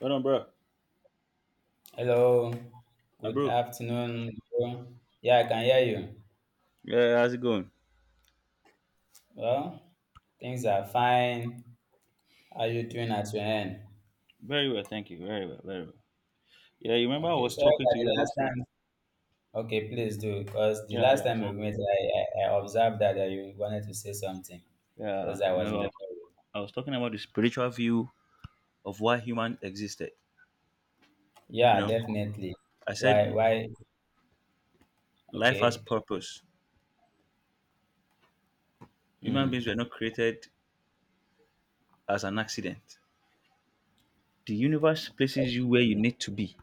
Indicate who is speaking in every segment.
Speaker 1: Hold on, bro.
Speaker 2: Hello,
Speaker 1: My
Speaker 2: good
Speaker 1: bro.
Speaker 2: afternoon, bro. Yeah, I can hear you.
Speaker 1: Yeah, how's it going?
Speaker 2: Well, things are fine. How you doing at your end?
Speaker 1: Very well, thank you. Very well, very well. Yeah, you remember I
Speaker 2: Okay,
Speaker 1: was
Speaker 2: sorry
Speaker 1: talking to
Speaker 2: that
Speaker 1: you
Speaker 2: the
Speaker 1: about
Speaker 2: last
Speaker 1: something.
Speaker 2: time. Okay, please do, because the
Speaker 1: Yeah,
Speaker 2: last
Speaker 1: yeah.
Speaker 2: time we
Speaker 1: So,
Speaker 2: met, I observed that you wanted to say something
Speaker 1: yeah,
Speaker 2: because I was in
Speaker 1: I
Speaker 2: the.
Speaker 1: was, I was talking about the spiritual view of why human existed. You
Speaker 2: Yeah,
Speaker 1: know,
Speaker 2: definitely.
Speaker 1: I said
Speaker 2: Why? Why?
Speaker 1: life has
Speaker 2: Okay.
Speaker 1: purpose. Human
Speaker 2: Hmm.
Speaker 1: beings were not created as an accident. The universe places you where you need to be.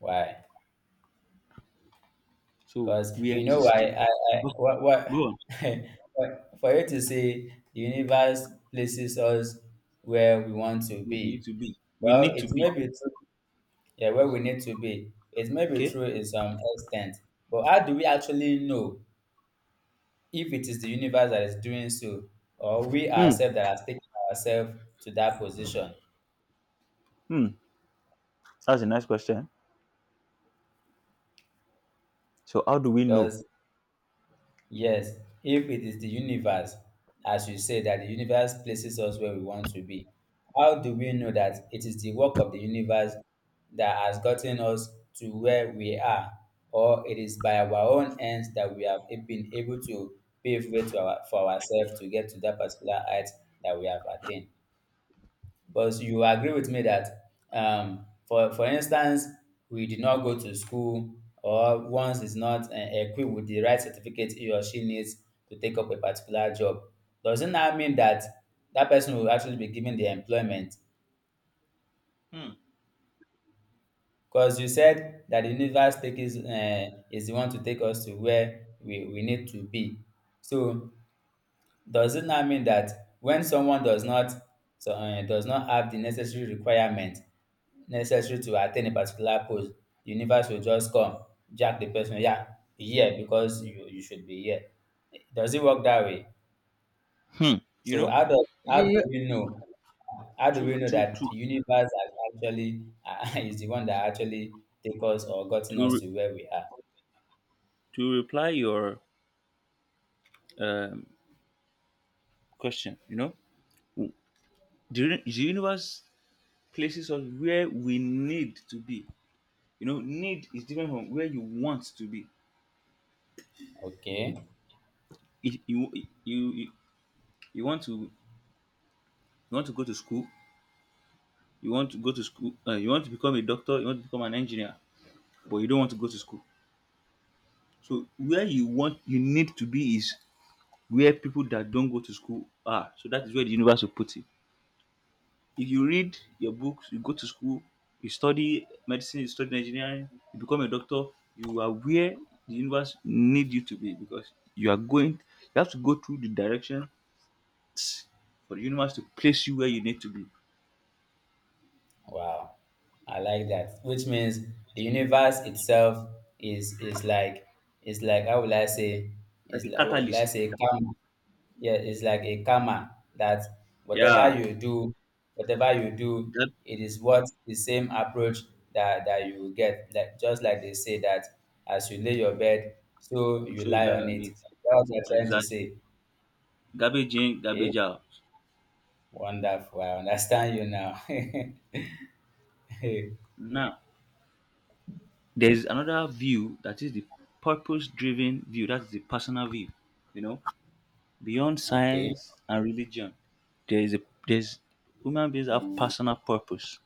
Speaker 2: Why?
Speaker 1: So
Speaker 2: Because
Speaker 1: we
Speaker 2: you know
Speaker 1: exist
Speaker 2: why
Speaker 1: to
Speaker 2: I
Speaker 1: go
Speaker 2: what
Speaker 1: go
Speaker 2: what
Speaker 1: on.
Speaker 2: for you to say the universe places us where we want to
Speaker 1: We need
Speaker 2: be.
Speaker 1: to be. We
Speaker 2: Well,
Speaker 1: need to
Speaker 2: it
Speaker 1: be.
Speaker 2: may be true, yeah, where we need to be. It may be
Speaker 1: Okay.
Speaker 2: true in some extent, but how do we actually know if it is the universe that is doing so, or we
Speaker 1: Hmm.
Speaker 2: ourselves that are taking ourselves to that position?
Speaker 1: Hmm. That's a nice question. So how do we know?
Speaker 2: Because yes, if it is the universe, as you say, that the universe places us where we want to be, how do we know that it is the work of the universe that has gotten us to where we are? Or it is by our own ends that we have been able to pave way to our, for ourselves to get to that particular height that we have attained? But you agree with me that, for instance, we did not go to school, or once is not equipped with the right certificate he or she needs to take up a particular job, doesn't that mean that that person will actually be given the employment?
Speaker 1: Hmm.
Speaker 2: Because you said that the universe take is the one to take us to where we need to be. So does it not mean that when someone does not does not have the necessary requirement necessary to attain a particular post, the universe will just come, jack the person, yeah, be here because you should be here. Does it work that way?
Speaker 1: Hmm. you
Speaker 2: So
Speaker 1: know
Speaker 2: how
Speaker 1: Yeah, yeah.
Speaker 2: do we know? How do we
Speaker 1: to
Speaker 2: know
Speaker 1: to
Speaker 2: that
Speaker 1: to
Speaker 2: the universe has actually is the one that actually take us or gotten
Speaker 1: to
Speaker 2: us
Speaker 1: re-
Speaker 2: to where we are?
Speaker 1: to reply your um, question w- the, the universe places us where we need to be. Need is different from where you want to be.
Speaker 2: Okay.
Speaker 1: If you you, you want to go to school, you want to become a doctor, you want to become an engineer, but you don't want to go to school. So where you need to be is where people that don't go to school are, so that is where the universe will put it. If you read your books, you go to school, you study medicine, you study engineering, you become a doctor, you are where the universe need you to be, because you are going, you have to go through the direction for the universe to place you where you need to be.
Speaker 2: Wow, I like that. Which means the universe itself is like is like how will I say
Speaker 1: Like
Speaker 2: is
Speaker 1: a
Speaker 2: like what will I
Speaker 1: catalyst.
Speaker 2: say karma? Yeah, it's like a karma that whatever
Speaker 1: Yeah.
Speaker 2: you do, whatever you do,
Speaker 1: That
Speaker 2: it is what the same approach that you will get. Like just like they say that as you lay your bed, so you
Speaker 1: show you
Speaker 2: lie
Speaker 1: lie
Speaker 2: on
Speaker 1: on
Speaker 2: it.
Speaker 1: it.
Speaker 2: That's what you're trying to
Speaker 1: Exactly.
Speaker 2: say.
Speaker 1: Garbage in,
Speaker 2: Okay,
Speaker 1: garbage out.
Speaker 2: wonderful. I understand you now.
Speaker 1: Now there's another view, that is the purpose driven view, that's the personal view, you know. Beyond
Speaker 2: Okay.
Speaker 1: science and religion, there is a there's human beings have personal purpose.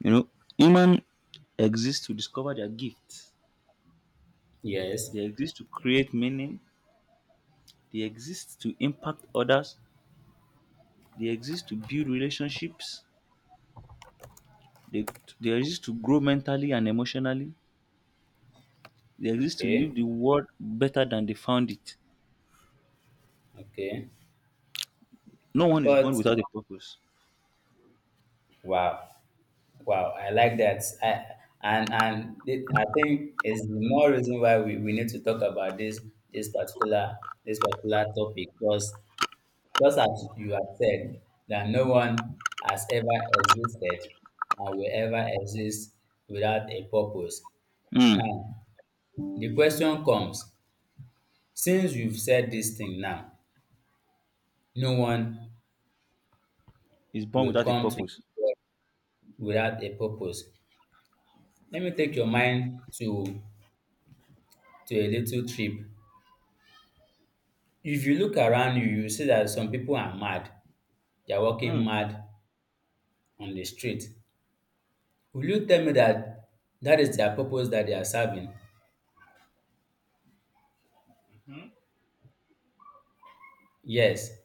Speaker 1: You know, human exist to discover their gifts.
Speaker 2: Yes.
Speaker 1: They exist to create meaning. They exist to impact others. They exist to build relationships. They, they exist to grow mentally and emotionally. They exist to leave
Speaker 2: Okay,
Speaker 1: the world better than they found it.
Speaker 2: okay.
Speaker 1: No one is
Speaker 2: But
Speaker 1: born without a purpose.
Speaker 2: wow, wow, I like that. I and it, I think it's the more reason why we need to talk about this this particular this particular topic because just as you have said that no one has ever existed and will ever exist without a purpose.
Speaker 1: Hmm.
Speaker 2: Now the question comes since you've said this thing now, no one
Speaker 1: Is born
Speaker 2: will
Speaker 1: without a
Speaker 2: come to
Speaker 1: purpose.
Speaker 2: this world without a purpose. Let me take your mind to a little trip. If you look around you, you see that some people are mad. They are walking
Speaker 1: Hmm.
Speaker 2: mad on the street. Will you tell me that that is their purpose that they are serving? Yes.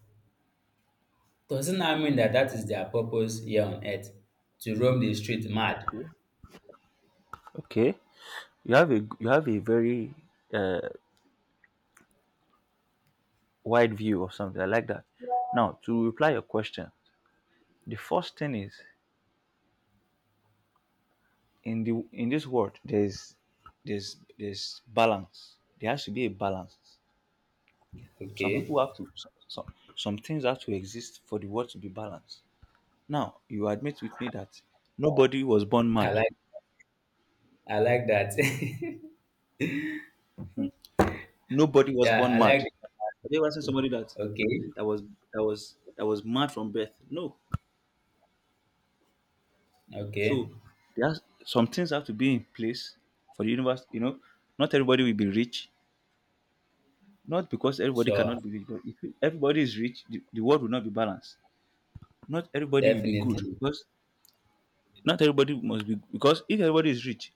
Speaker 2: Doesn't that mean that that is their purpose here on earth? To roam the street mad?
Speaker 1: Okay. Okay. You have a very uh, wide view or something. I like that. Now, to reply your question, the first thing is in this world there's balance. There has to be a balance. Some
Speaker 2: Okay.
Speaker 1: people have to some things have to exist for the world to be balanced. Now, you admit with me that nobody was born
Speaker 2: I
Speaker 1: mad.
Speaker 2: like I like that.
Speaker 1: Nobody was
Speaker 2: Yeah,
Speaker 1: born
Speaker 2: I
Speaker 1: mad.
Speaker 2: like that.
Speaker 1: Have you ever seen somebody that
Speaker 2: Okay.
Speaker 1: that was that was mad from birth? No. So
Speaker 2: Okay.
Speaker 1: there's some things have to be in place for the universe. You know, not everybody will be rich. Not because everybody
Speaker 2: Sure.
Speaker 1: cannot be rich, but if everybody is rich, the world will not be balanced. Not everybody will be good,
Speaker 2: Definitely.
Speaker 1: because not everybody must be, because if everybody is rich,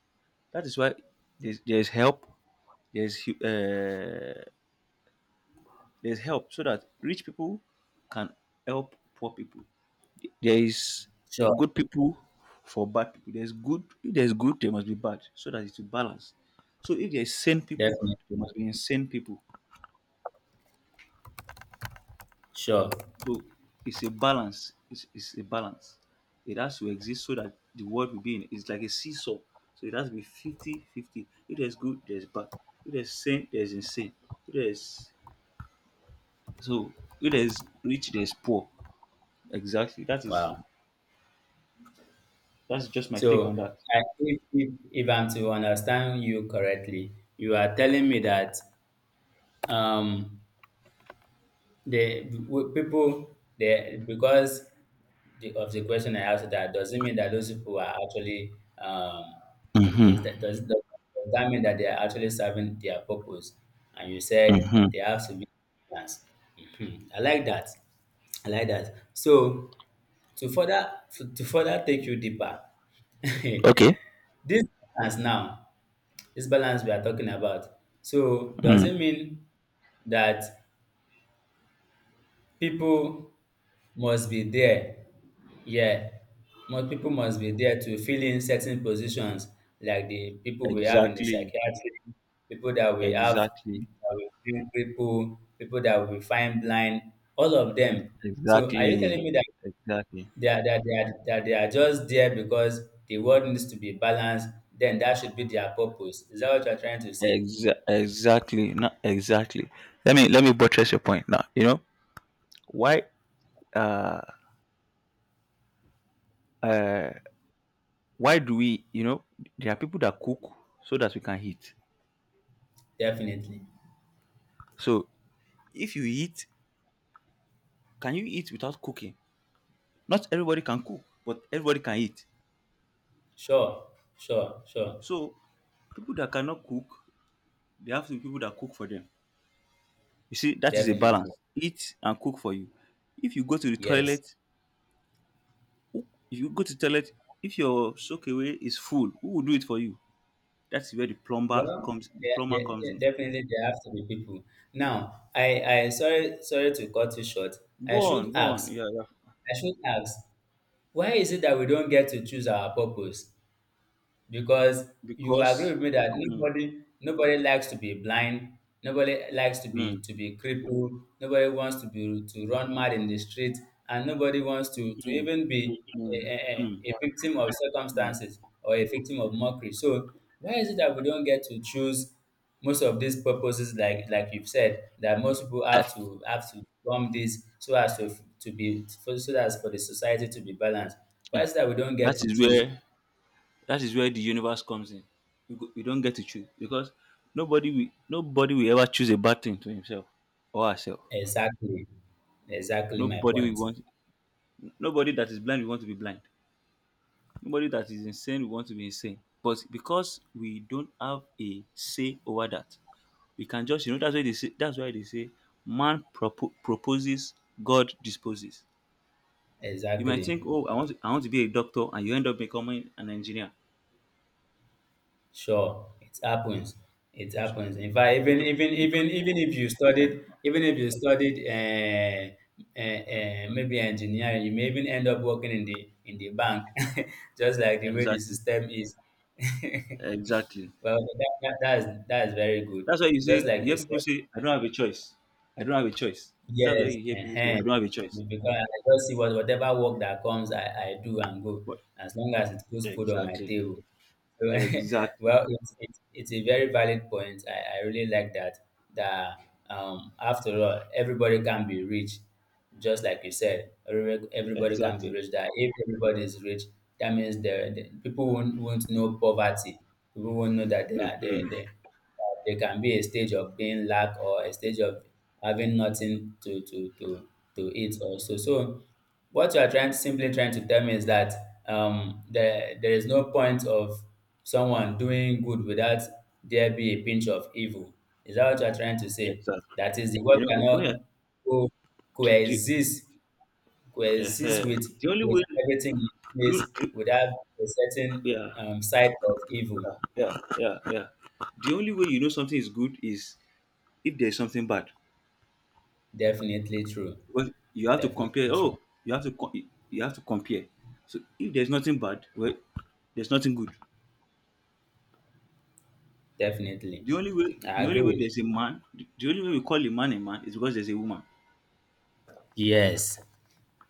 Speaker 1: that is why there's help. There's hu- uh, there's help so that rich people can help poor people. There is
Speaker 2: Sure.
Speaker 1: good people for bad people. There's good. If there's good, there must be bad, so that it's a balance. So if there's sane people, there
Speaker 2: Definitely.
Speaker 1: must be insane people.
Speaker 2: Sure.
Speaker 1: So it's a balance. It's a balance. It has to exist so that the world will be in. It's like a seesaw. So it has to be 50-50. 50. If there's good, there's bad. If there's sane, there's insane. If there's so if there's rich, there's poor. Exactly. That is
Speaker 2: Wow.
Speaker 1: that's just my take
Speaker 2: So,
Speaker 1: on that.
Speaker 2: I if if I'm to understand you correctly, you are telling me that um, the people they because the, of the question I asked that doesn't mean that those people are actually is that does that mean that they are actually serving their purpose? And you said they have to be balanced. Mhm. I like that. I like that. So to further to further take you deeper this balance now, this balance we are talking about. So does it mean that people must be there? Yeah, most people must be there to fill in certain positions, like the people we have in the
Speaker 1: Exactly.
Speaker 2: psychiatry, people that we have
Speaker 1: Exactly.
Speaker 2: that we find cripple, people that we find blind, all of them. So are you
Speaker 1: Exactly.
Speaker 2: telling me that
Speaker 1: Exactly.
Speaker 2: that they are just there because the world needs to be balanced, then that should be their purpose. Is that what you're trying to say?
Speaker 1: Exactly. Not exactly. Let me buttress your point now. You know why? Uh, uh, why do we? You know, there are people that cook so that we can eat.
Speaker 2: Definitely.
Speaker 1: So if you eat, can you eat without cooking? Not everybody can cook, but everybody can eat.
Speaker 2: Sure, sure.
Speaker 1: So people that cannot cook, they have to be people that cook for them. You see, that is a
Speaker 2: Definitely.
Speaker 1: balance. Eat and cook for you. If you go to the
Speaker 2: Yes.
Speaker 1: toilet. If you go to toilet, if your soak away is full, who will do it for you? That's where the plumber
Speaker 2: Well,
Speaker 1: comes. The plumber comes in.
Speaker 2: there- definitely there have to be people. Now, I sorry to cut you short. I
Speaker 1: Go
Speaker 2: should
Speaker 1: on, go on.
Speaker 2: ask,
Speaker 1: Yeah, yeah.
Speaker 2: I should ask, why is it that we don't get to choose our purpose? Because you agree
Speaker 1: Because,
Speaker 2: with me that
Speaker 1: mm,
Speaker 2: nobody likes to be blind, nobody likes
Speaker 1: mm,
Speaker 2: to be crippled, nobody wants to be to run mad in the street, and nobody wants to
Speaker 1: mm,
Speaker 2: even be
Speaker 1: mm, mm,
Speaker 2: a victim of
Speaker 1: mm.
Speaker 2: circumstances or a victim of mockery. So why is it that we don't get to choose most of these purposes, like you've said that most people
Speaker 1: I
Speaker 2: have
Speaker 1: f-
Speaker 2: to form this so as to be so that for the society to be balanced, why
Speaker 1: yeah.
Speaker 2: is it that we don't get
Speaker 1: That
Speaker 2: to
Speaker 1: is
Speaker 2: choose?
Speaker 1: where that is where the universe comes in. You, go, you don't get to choose because nobody will ever choose a bad thing to himself or herself.
Speaker 2: Exactly. Exactly my
Speaker 1: Nobody will
Speaker 2: point.
Speaker 1: want nobody that is blind will want to be blind. Nobody that is insane We want to be insane. But because we don't have a say over that, we can just that's why they say man proposes, God disposes. You might
Speaker 2: Exactly.
Speaker 1: think, oh, I want to be a doctor, and you end up becoming an engineer.
Speaker 2: Sure. It happens. It happens. In fact,
Speaker 1: You don't. You don't.
Speaker 2: even if you studied maybe engineering, you may even end up working in the bank, just like the way the
Speaker 1: Exactly.
Speaker 2: system is.
Speaker 1: Exactly.
Speaker 2: Well, that is very good.
Speaker 1: That's why you
Speaker 2: Just
Speaker 1: say
Speaker 2: like
Speaker 1: you hear
Speaker 2: you said,
Speaker 1: people say, I don't have a choice. I don't have a choice. That's why
Speaker 2: yes,
Speaker 1: you hear people say, I
Speaker 2: ehen.
Speaker 1: don't have a choice.
Speaker 2: Because I just see what whatever work that comes, I do and go
Speaker 1: But
Speaker 2: as long as it puts food on my
Speaker 1: exactly,
Speaker 2: table. So,
Speaker 1: exactly,
Speaker 2: well, it's a very valid point. I really like that. That after all, everybody can be rich. Just like you said, every- everybody can be
Speaker 1: exactly.
Speaker 2: rich. That if everybody is rich, that means the people won't know poverty. People won't know that
Speaker 1: Mhm.
Speaker 2: they that there can be a stage of being lack or a stage of having nothing to to eat also. So what you are trying simply trying to tell me is that there is no point of someone doing good without there be a pinch of evil, is that what you are trying to say,
Speaker 1: Exactly.
Speaker 2: that is the world
Speaker 1: You know,
Speaker 2: cannot co-
Speaker 1: the,
Speaker 2: coexist,
Speaker 1: the, eh,
Speaker 2: coexist
Speaker 1: eh, the only
Speaker 2: with
Speaker 1: way,
Speaker 2: everything in place
Speaker 1: you,
Speaker 2: without a certain
Speaker 1: yeah,
Speaker 2: side of evil?
Speaker 1: yeah. The only way you know something is good is if there's something bad.
Speaker 2: Definitely true.
Speaker 1: Because you have to compare.
Speaker 2: Definitely true.
Speaker 1: Oh, you have to co- you have to compare. So if there's nothing bad, well, there's nothing good.
Speaker 2: Definitely. I
Speaker 1: The
Speaker 2: agree
Speaker 1: only way
Speaker 2: with
Speaker 1: there's a man, the only way we call a man is because there's a woman.
Speaker 2: you, yes.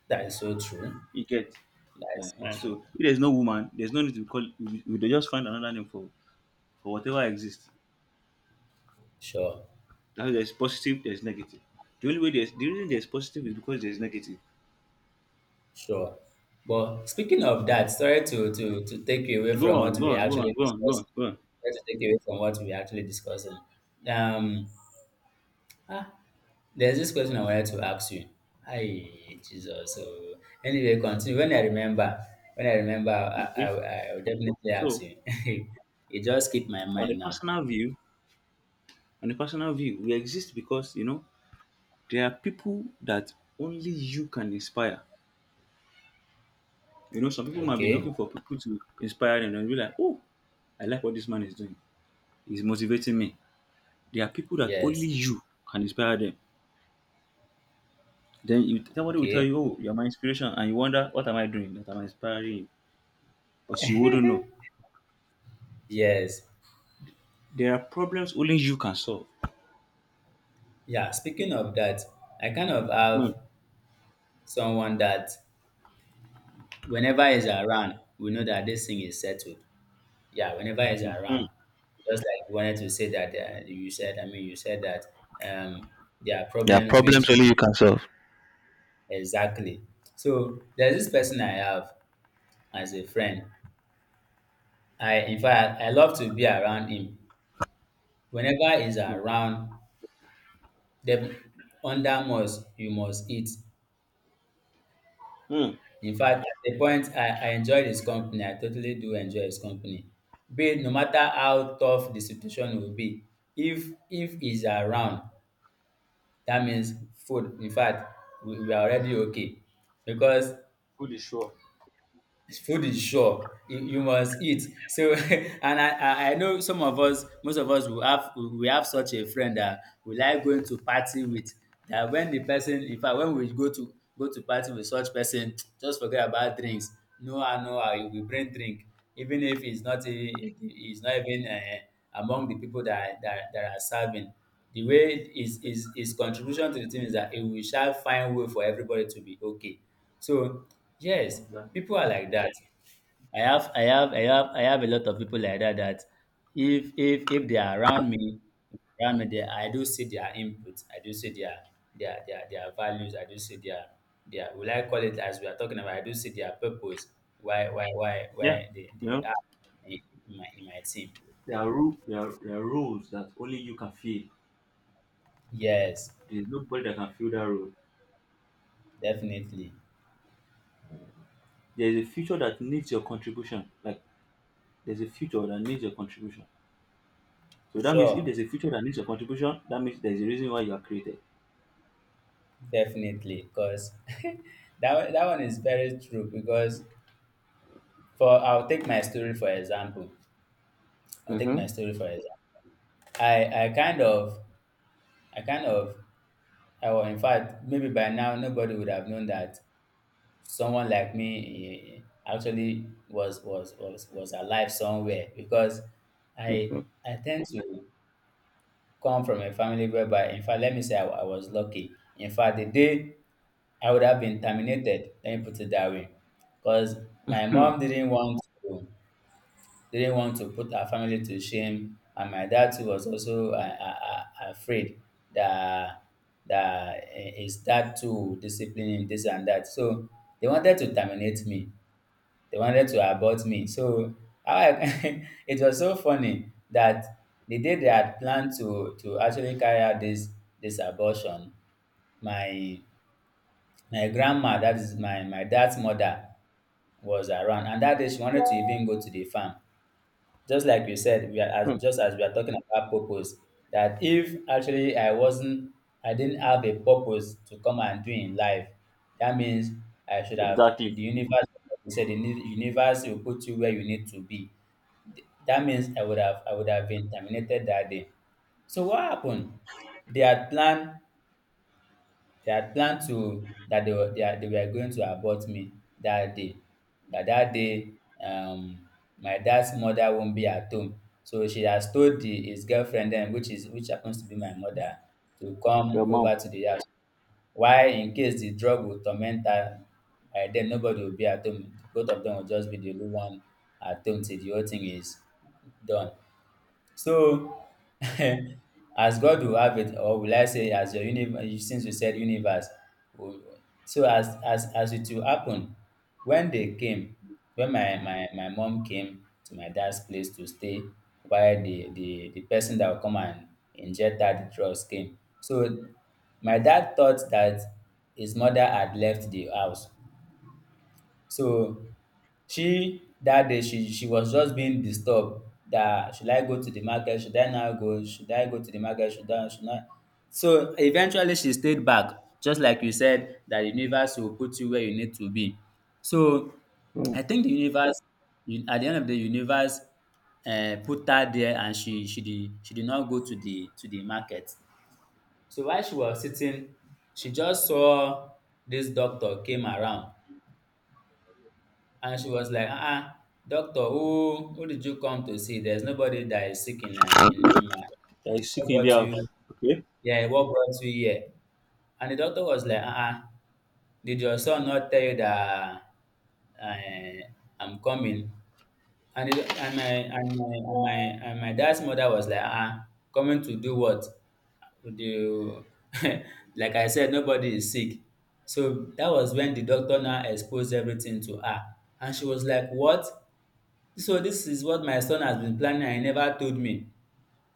Speaker 2: That is so true.
Speaker 1: You get.
Speaker 2: That is so
Speaker 1: So
Speaker 2: true.
Speaker 1: if there's no woman, there's no need to call. We just find another name for whatever exists.
Speaker 2: Sure.
Speaker 1: Now there's positive, there's negative. The reason there's positive is because there's negative.
Speaker 2: Sure. Well, speaking of that, sorry to take you away
Speaker 1: Go
Speaker 2: from
Speaker 1: on,
Speaker 2: what
Speaker 1: go
Speaker 2: we
Speaker 1: on, go on,
Speaker 2: actually
Speaker 1: go on, go on,
Speaker 2: discussed.
Speaker 1: go on.
Speaker 2: Sorry to take you away from what we actually discussing. Um, ah, there's this question I wanted to ask you. Hi, Jesus. So anyway, continue. When I remember,
Speaker 1: Okay.
Speaker 2: I will definitely ask
Speaker 1: So
Speaker 2: you. It just keep my
Speaker 1: on a
Speaker 2: mind now.
Speaker 1: personal view, on a personal view, we exist because there are people that only you can inspire. You know, some people might be
Speaker 2: Okay.
Speaker 1: looking for people to inspire them and be like, oh, I like what this man is doing. He's motivating me. There are people that only
Speaker 2: Yes.
Speaker 1: you can inspire them. Then you somebody will tell
Speaker 2: Okay.
Speaker 1: you, oh, you're my inspiration, and you wonder what am I doing that I'm inspiring you. But you wouldn't know.
Speaker 2: Yes.
Speaker 1: There are problems only you can solve.
Speaker 2: Yeah. Speaking of that, I kind of
Speaker 1: Mm,
Speaker 2: have someone that whenever he's around, we know that this thing is settled. Yeah, whenever he's
Speaker 1: mm,
Speaker 2: around, just like you wanted to say that you said. I mean, you said that um, there are
Speaker 1: yeah.
Speaker 2: problems which exactly. So there's this person I have as a friend. I in fact I love to be around him. Whenever he's around, the under must you must eat.
Speaker 1: Mm.
Speaker 2: In fact, at a point, I enjoyed his company. I totally do enjoy his company. But no matter how tough the situation will be, if he's around, that means food. In fact, we are already okay. Because
Speaker 1: Food is sure.
Speaker 2: food is sure, you must eat so. And I know some of us, most of us will have we have such a friend that we like going to party with, that when the person in fact when we go to party with such person just forget about drinks, no how you will bring drink, even if it's not a, it's not even among the people that are serving. The way his contribution to the team is that he will shall find way for everybody to be okay. So yes,
Speaker 1: Exactly.
Speaker 2: people are like that. I have a lot of people like that that if they are around me they, I do see their input, I do see their values, I do see their will I call it as we are talking about, I do see their purpose,
Speaker 1: Yeah.
Speaker 2: why
Speaker 1: You
Speaker 2: they
Speaker 1: know?
Speaker 2: are in my team.
Speaker 1: There are, rules. There are roles that only you can fill.
Speaker 2: Yes,
Speaker 1: There's nobody that can fill that role.
Speaker 2: definitely.
Speaker 1: There is a future that needs your contribution. Like, there's a future that needs your contribution. So that means if
Speaker 2: Sure,
Speaker 1: there's a future that needs your contribution, that means there's a reason why you are created.
Speaker 2: definitely. Because that one is very true because for I'll take my story for example. I'll take my story for example. I kind of I kind of I well, in fact maybe by now nobody would have known that someone like me actually was alive somewhere because I tend to come from a family whereby in fact let me say I was lucky. In fact the day I would have been terminated. Let me put it that way, because my
Speaker 1: Hmm.
Speaker 2: mom didn't want to, didn't want to put her family to shame, and my dad too was also afraid that that his dad too would discipline him, this and that. So they wanted to terminate me. They wanted to abort me. So it was so funny that the day they had planned to actually carry out this this abortion, my my grandma, that is my dad's mother, was around, and that day she wanted to even go to the farm just like you said, we are, as
Speaker 1: Mm.
Speaker 2: just as we are talking about purpose, that if actually I wasn't, I didn't have a purpose to come and do in life, that means I should have
Speaker 1: Exactly.
Speaker 2: the universe. Like you said, the universe will put you where you need to be. That means I would have been terminated that day. So what happened? They had planned They had planned to that they were going to abort me that day. That day, um, my dad's mother won't be at home, so she has told the, his girlfriend then, which is which happens to be my mother, to
Speaker 1: Your
Speaker 2: come
Speaker 1: mom.
Speaker 2: over to the house. Why, in case the drug will torment her, by then nobody will be at home. Both of them will just be the only one at home till the whole thing is done. So, as God will have it, or will I say, as your universe, since you said universe, will- so as it will happen, when they came, when my mom came to my dad's place to stay, while the person that will come and inject that drugs came, so my dad thought that his mother had left the house. So she was just being disturbed, dat should I go to the market, should I not go, should I go to the market, should I. So eventually she stayed back, just like you said, dat the universe will put you where you need to be. So
Speaker 1: Hmm.
Speaker 2: I think the universe, at the end of the universe put her there, and she did, she did not go to the market. So while she was sitting, she just saw dis doctor came around. And she was like, ah, uh doctor, who did you come to see? There's nobody that is sick in my,
Speaker 1: That is sick in
Speaker 2: what
Speaker 1: the
Speaker 2: brought you,
Speaker 1: house. Okay.
Speaker 2: yeah, what brought you here? And the doctor was like, uh-uh, did your son not tell you that uh, I'm coming? And it, and my and my and my and my dad's mother was like, ah, coming to do what? Would you? Like I said, nobody is sick. So that was when the doctor now exposed everything to her. And she was like, what? So this is what my son has been planning and he never told me.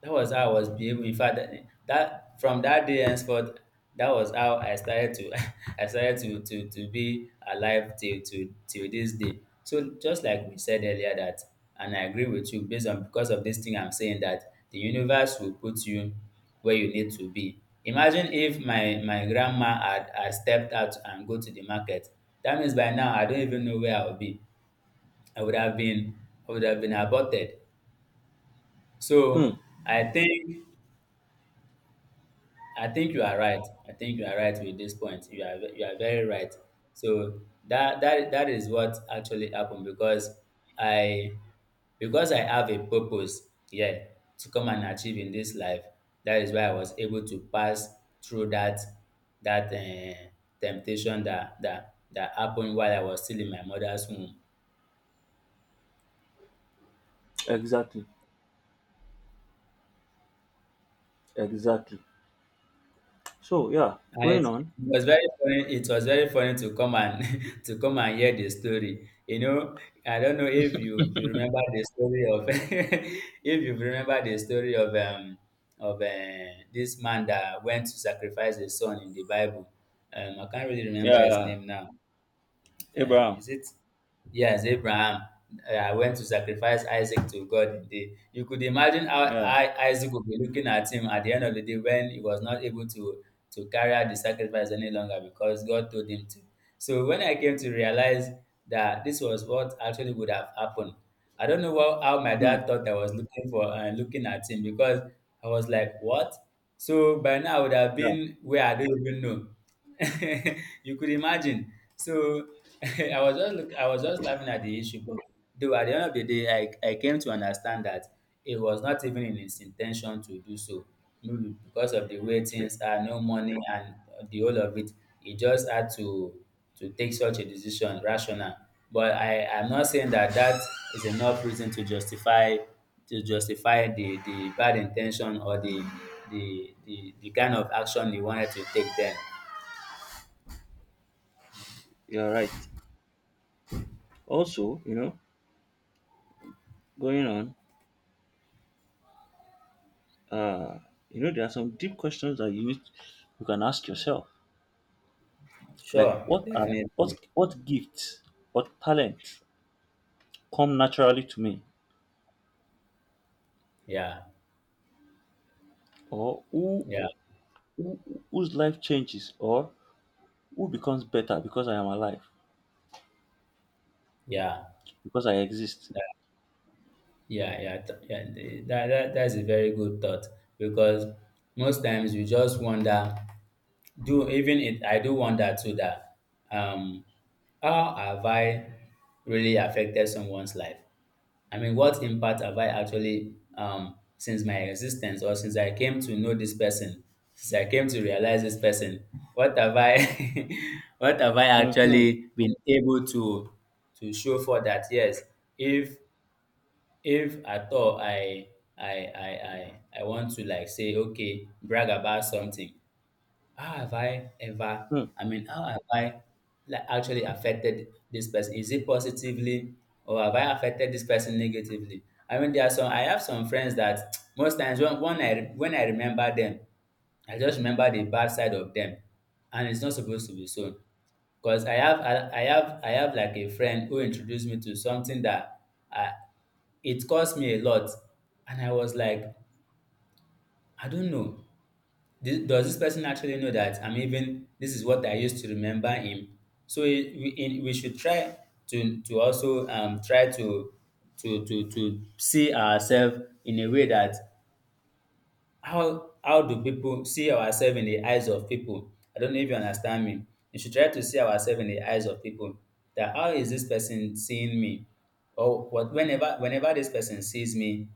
Speaker 2: That was how I was behaving. In fact, that, that from that day henceforth, that was how I started to I started to be alive till to till till this day. So just like we said earlier that, and I agree with you, based on because of this thing I'm saying, that the universe will put you where you need to be. Imagine if my grandma had, had stepped out and go to the market. That means by now I don't even know where I would be. I would have been I would have been aborted.
Speaker 1: Hmm.
Speaker 2: So I think, I think you are right. I think you are right with this point. You are, you are very right. So that is what actually happened because I, because I have a purpose, yeah, to come and achieve in this life. That is why I was able to pass through that that temptation that that happened while I was still in my mother's womb.
Speaker 1: Exactly. Exactly. So, yeah,
Speaker 2: And it,
Speaker 1: going on.
Speaker 2: it was very funny. It was very funny to come and to come and hear the story. You know, I don't know if you remember the story of if you remember the story of this man that went to sacrifice his son in the Bible. I can't really remember his
Speaker 1: Yeah.
Speaker 2: name now,
Speaker 1: Abraham.
Speaker 2: is it? Yes, Abraham. I went to sacrifice Isaac to God. In the, you could imagine how
Speaker 1: Yeah.
Speaker 2: I, Isaac would be looking at him at the end of the day when he was not able to carry out the sacrifice any longer because God told him to. So when I came to realize that this was what actually would have happened, I don't know what, how my
Speaker 1: Mm.
Speaker 2: dad thought I was looking for and looking at him, because I was like, what? So by now I would have
Speaker 1: Yeah.
Speaker 2: been where I don't even know. You could imagine. So I was just look, I was just laughing at the issue, but though at the end of the day, I came to understand that it was not even in his intention to do so. Maybe because of the way
Speaker 1: Like,
Speaker 2: things are, no money and the whole of it, he just had to take such a decision, rational. But I'm not saying that that is enough reason to justify the bad intention or the kind of action he wanted to take then.
Speaker 1: you're right. Also, you know, going on, uh, you know, there are some deep questions that you need, you can ask yourself. Like,
Speaker 2: Sure,
Speaker 1: what are what
Speaker 2: definitely.
Speaker 1: what gifts, what talent come naturally to me,
Speaker 2: Yeah,
Speaker 1: or
Speaker 2: yeah,
Speaker 1: who whose life changes, or who becomes better because I am alive,
Speaker 2: yeah,
Speaker 1: because I exist.
Speaker 2: yeah, yeah, yeah. th- yeah the- that, that that's a very good thought because most times you just wonder. Do even it? I do wonder too that um, how have I really affected someone's life? I mean, what impact have I actually since my existence or since I came to know this person, since I came to realize this person, what have I what have I
Speaker 1: Mm-hmm.
Speaker 2: actually been able to show for that? Yes, if if at all I want to like say okay, brag about something, how have I ever,
Speaker 1: Mm,
Speaker 2: I mean, how have I like actually affected this person? Is it positively or have I affected this person negatively? I mean, there are some, I have some friends that most times when I, when I remember them, I just remember the bad side of them, and it's not supposed to be so. Because I have like a friend who introduced me to something that I, it cost me a lot, and I was like, I don't know. Does this person actually know that I'm even, this is what I used to remember him? So we should try to also try to, to see ourselves in a way that how do people see ourselves in the eyes of people? I don't know if you understand me. You should try to see ourselves in the eyes of people. That how is this person seeing me? Or what, whenever, whenever this person sees me,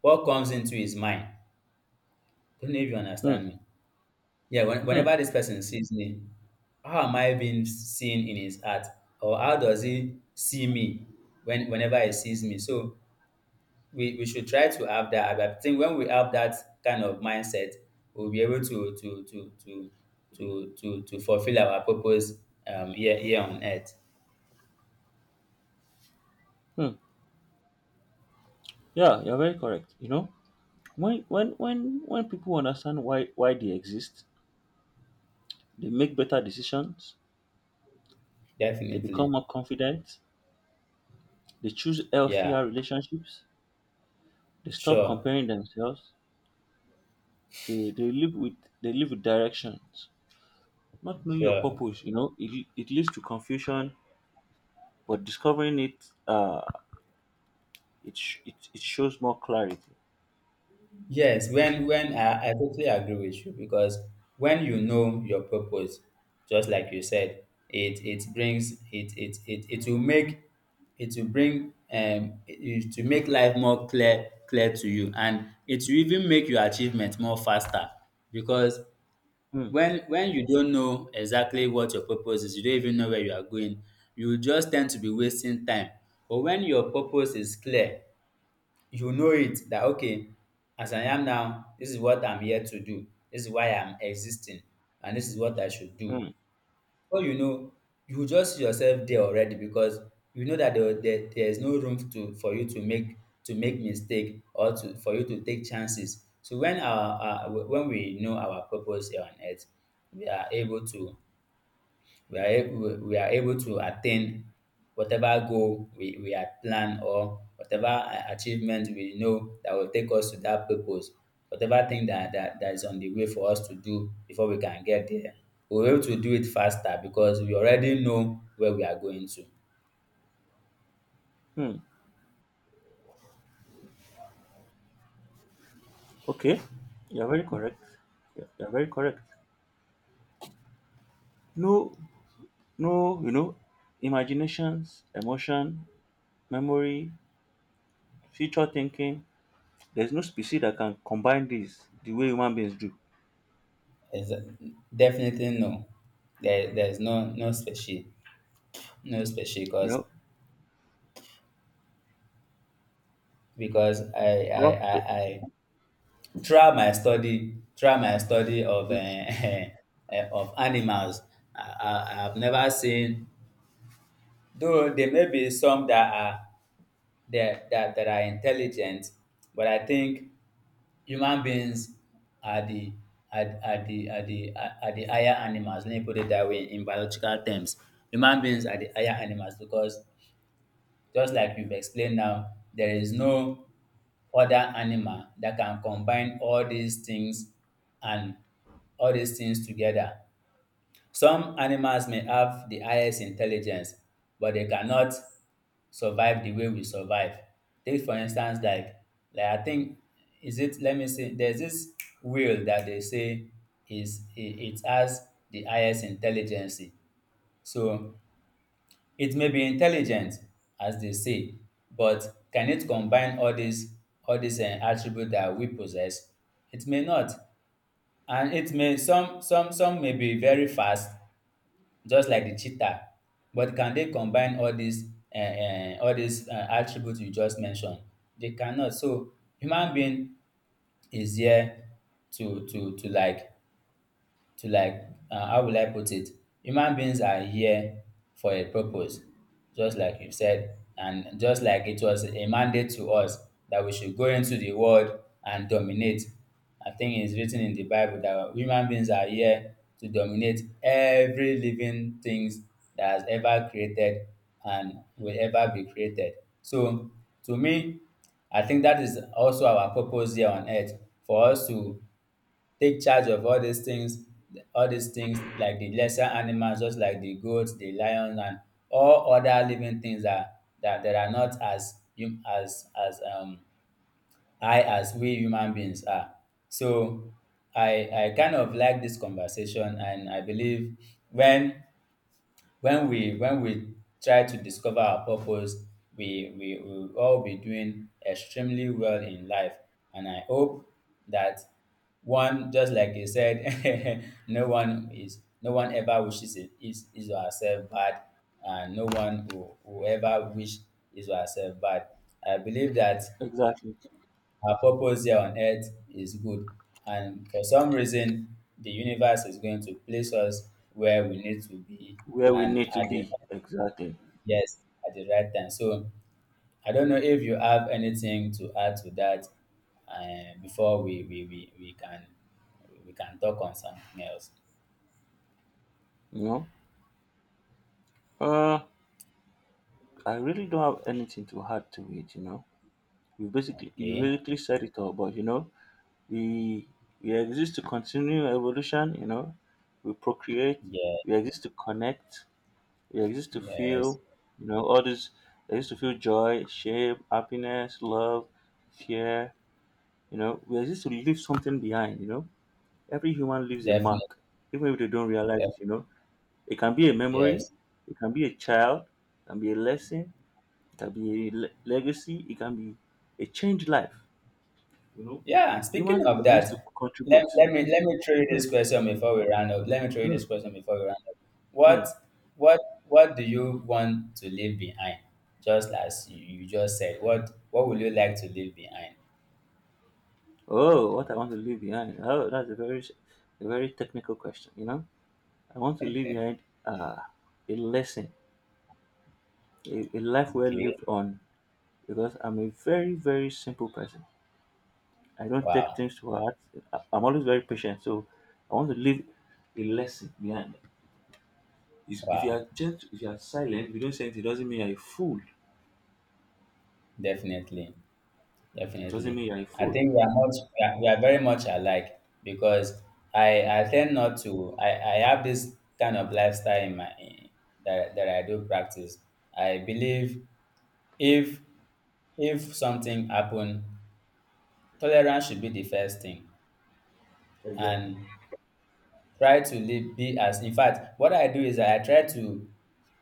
Speaker 2: what comes into his mind? I don't know if you
Speaker 1: mm,
Speaker 2: understand me. Yeah, when,
Speaker 1: mm,
Speaker 2: whenever this person sees me, how am I being seen in his heart? Or how does he see me when whenever he sees me? So we should try to have that. I think when we have that kind of mindset, we'll be able to fulfill our purpose here here on earth.
Speaker 1: mm. Yeah, you're very correct. You know, when people understand why they exist, they make better decisions, they become
Speaker 2: Definitely.
Speaker 1: more confident, they choose
Speaker 2: Yeah,
Speaker 1: healthier relationships, they stop
Speaker 2: sure,
Speaker 1: comparing themselves, they, they live with they live with directions. Not knowing your
Speaker 2: sure.
Speaker 1: purpose, you know, it leads to confusion, but discovering it it shows more clarity.
Speaker 2: Yes, when I totally agree with you because when you know your purpose, just like you said, it brings it it will make, it will bring it, it will make life more clear clear to you and it will even make your achievement more faster because
Speaker 1: Hmm.
Speaker 2: when you don't know exactly what your purpose is, you don't even know where you are going, you just tend to be wasting time. But when your purpose is clear, you know it that okay, as I am now, this is what I'm here to do. This is why I'm existing, and this is what I should do.
Speaker 1: Hmm.
Speaker 2: But you know, you just see yourself there already because you know that there is no room to for you to make mistake or to for you to take chances. So when we know our purpose here on earth, we are able to we are able to attain whatever goal we had planned or whatever achievement we know that will take us to that purpose, whatever thing that is on the way for us to do before we can get there. We're able to do it faster because we already know where we are going to.
Speaker 1: Hmm. Okay. You're very correct. You're very correct. No no, you know, imaginations, emotion, memory, future thinking, there's no species that can combine this the way human beings do.
Speaker 2: Is definitely no. There's no special no special cause.
Speaker 1: Nope.
Speaker 2: because I I
Speaker 1: Rock the-
Speaker 2: I, I throughout my study of
Speaker 1: mm,
Speaker 2: of animals, I have never seen, though there may be some that are that are intelligent, but I think human beings are the are are the are the are the higher animals, let me put it that way, in biological terms. Human beings are the higher animals because, just like you've explained, now there is no other animal that can combine all these things and all these things together. Some animals may have the highest intelligence, but they cannot survive the way we survive. Take for instance, like I think, is it, let me see. There's this whale that they say, is it, it has the highest intelligence. So it may be intelligent, as they say, but can it combine all these attributes that we possess? It may not, and it may, some may be very fast, just like the cheetah. But can they combine all these attributes you just mentioned? They cannot. So human being is here to to to like to like how will I put it? Human beings are here for a purpose, just like you said, and just like it was a mandate to us that we should go into the world and dominate. I think it's written in the Bible that human beings are here to dominate every living things that has ever created and will ever be created. So to me, I think that is also our purpose here on earth, for us to take charge of all these things, all these things, like the lesser animals, just like the goats, the lions, and all other living things that are not as as high as we human beings are. So I kind of like this conversation, and I believe when when we try to discover our purpose, we will all be doing extremely well in life. And I hope that, one, just like you said, no one is, no one ever wishes it is or herself bad, and no one will ever wish is or herself bad. I believe that
Speaker 1: exactly
Speaker 2: our purpose here on earth is good, and for some reason the universe is going to place us where we need to be
Speaker 1: where we
Speaker 2: and
Speaker 1: need to
Speaker 2: at the —
Speaker 1: be. Exactly.
Speaker 2: yes, at the right time. So I don't know if you have anything to add to that before we can talk on something else.
Speaker 1: You know? Uh, I really don't have anything to add to it, you know. You
Speaker 2: Okay.
Speaker 1: basically said it all, but you know, we we exist to continue evolution, you know, we procreate, we
Speaker 2: Yeah.
Speaker 1: exist to connect, we exist to
Speaker 2: Yes.
Speaker 1: feel, you know, all this we exist to feel joy, shame, happiness, love, fear. You know, we exist to leave something behind, you know. Every human leaves a
Speaker 2: Definitely.
Speaker 1: mark, even if they don't realize
Speaker 2: Def-
Speaker 1: it, you know. It can be a memory,
Speaker 2: yes.
Speaker 1: it can be a child, it can be a lesson, it can be a legacy, it can be a changed life, you know.
Speaker 2: Yeah. Speaking
Speaker 1: Humans
Speaker 2: of
Speaker 1: exist to
Speaker 2: that,
Speaker 1: contribute.
Speaker 2: let me throw you
Speaker 1: Mm,
Speaker 2: this question before we round up. Let me throw you
Speaker 1: mm,
Speaker 2: this question before we round up.
Speaker 1: mm.
Speaker 2: What what what do you want to leave behind? Just as you just said, what would you like to leave behind?
Speaker 1: Oh, what I want to leave behind. Oh, that's a very technical question, you know. I want to leave behind a lesson, a life well
Speaker 2: Okay.
Speaker 1: lived on, because I'm a very, very simple person. I don't take
Speaker 2: Wow.
Speaker 1: things to heart. I'm always very patient, so I want to leave a lesson behind. If you
Speaker 2: Wow.
Speaker 1: are gentle, if you are silent, if you don't say anything, it doesn't mean you're a fool.
Speaker 2: Definitely,
Speaker 1: It doesn't
Speaker 2: definitely.
Speaker 1: mean you're a
Speaker 2: I
Speaker 1: fool.
Speaker 2: think we are we are very much alike because I tend not to, I have this kind of lifestyle in my that I do practice. I believe, if if something happen, tolerance should be the first thing,
Speaker 1: Exactly.
Speaker 2: and try to live, be as, in fact, what I do is I try to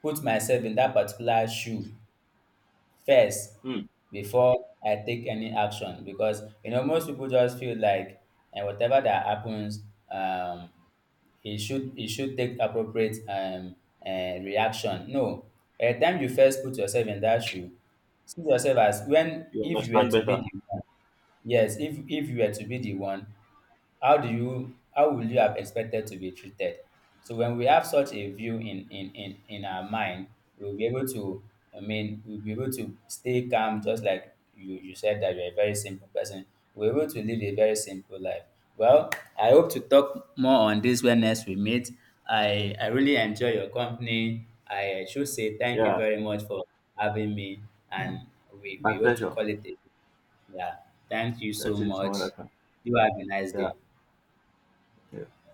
Speaker 2: put myself in that particular shoe first
Speaker 1: Hmm.
Speaker 2: before I take any action. Because, you know, most people just feel like, and whatever that happens, um, he should take appropriate reaction. No, by the time you first put yourself in that shoe, see yourself as, when
Speaker 1: You
Speaker 2: if you were
Speaker 1: understand
Speaker 2: to be
Speaker 1: better.
Speaker 2: the one. Yes, if you were to be the one, how do you, how will you have expected to be treated? So when we have such a view in in our mind, we'll be able to, I mean, we'll be able to stay calm. Just like you said that you're a very simple person, we're able to live a very simple life. Well, I hope to talk more on this when next we meet. I really enjoy your company. I should say thank you
Speaker 1: Yeah.
Speaker 2: very much for having me, and
Speaker 1: My
Speaker 2: we hope to
Speaker 1: pleasure.
Speaker 2: call it a, yeah, thank you
Speaker 1: Let's
Speaker 2: so
Speaker 1: do this another
Speaker 2: much.
Speaker 1: time.
Speaker 2: You have a nice
Speaker 1: Yeah.
Speaker 2: day.
Speaker 1: Yeah.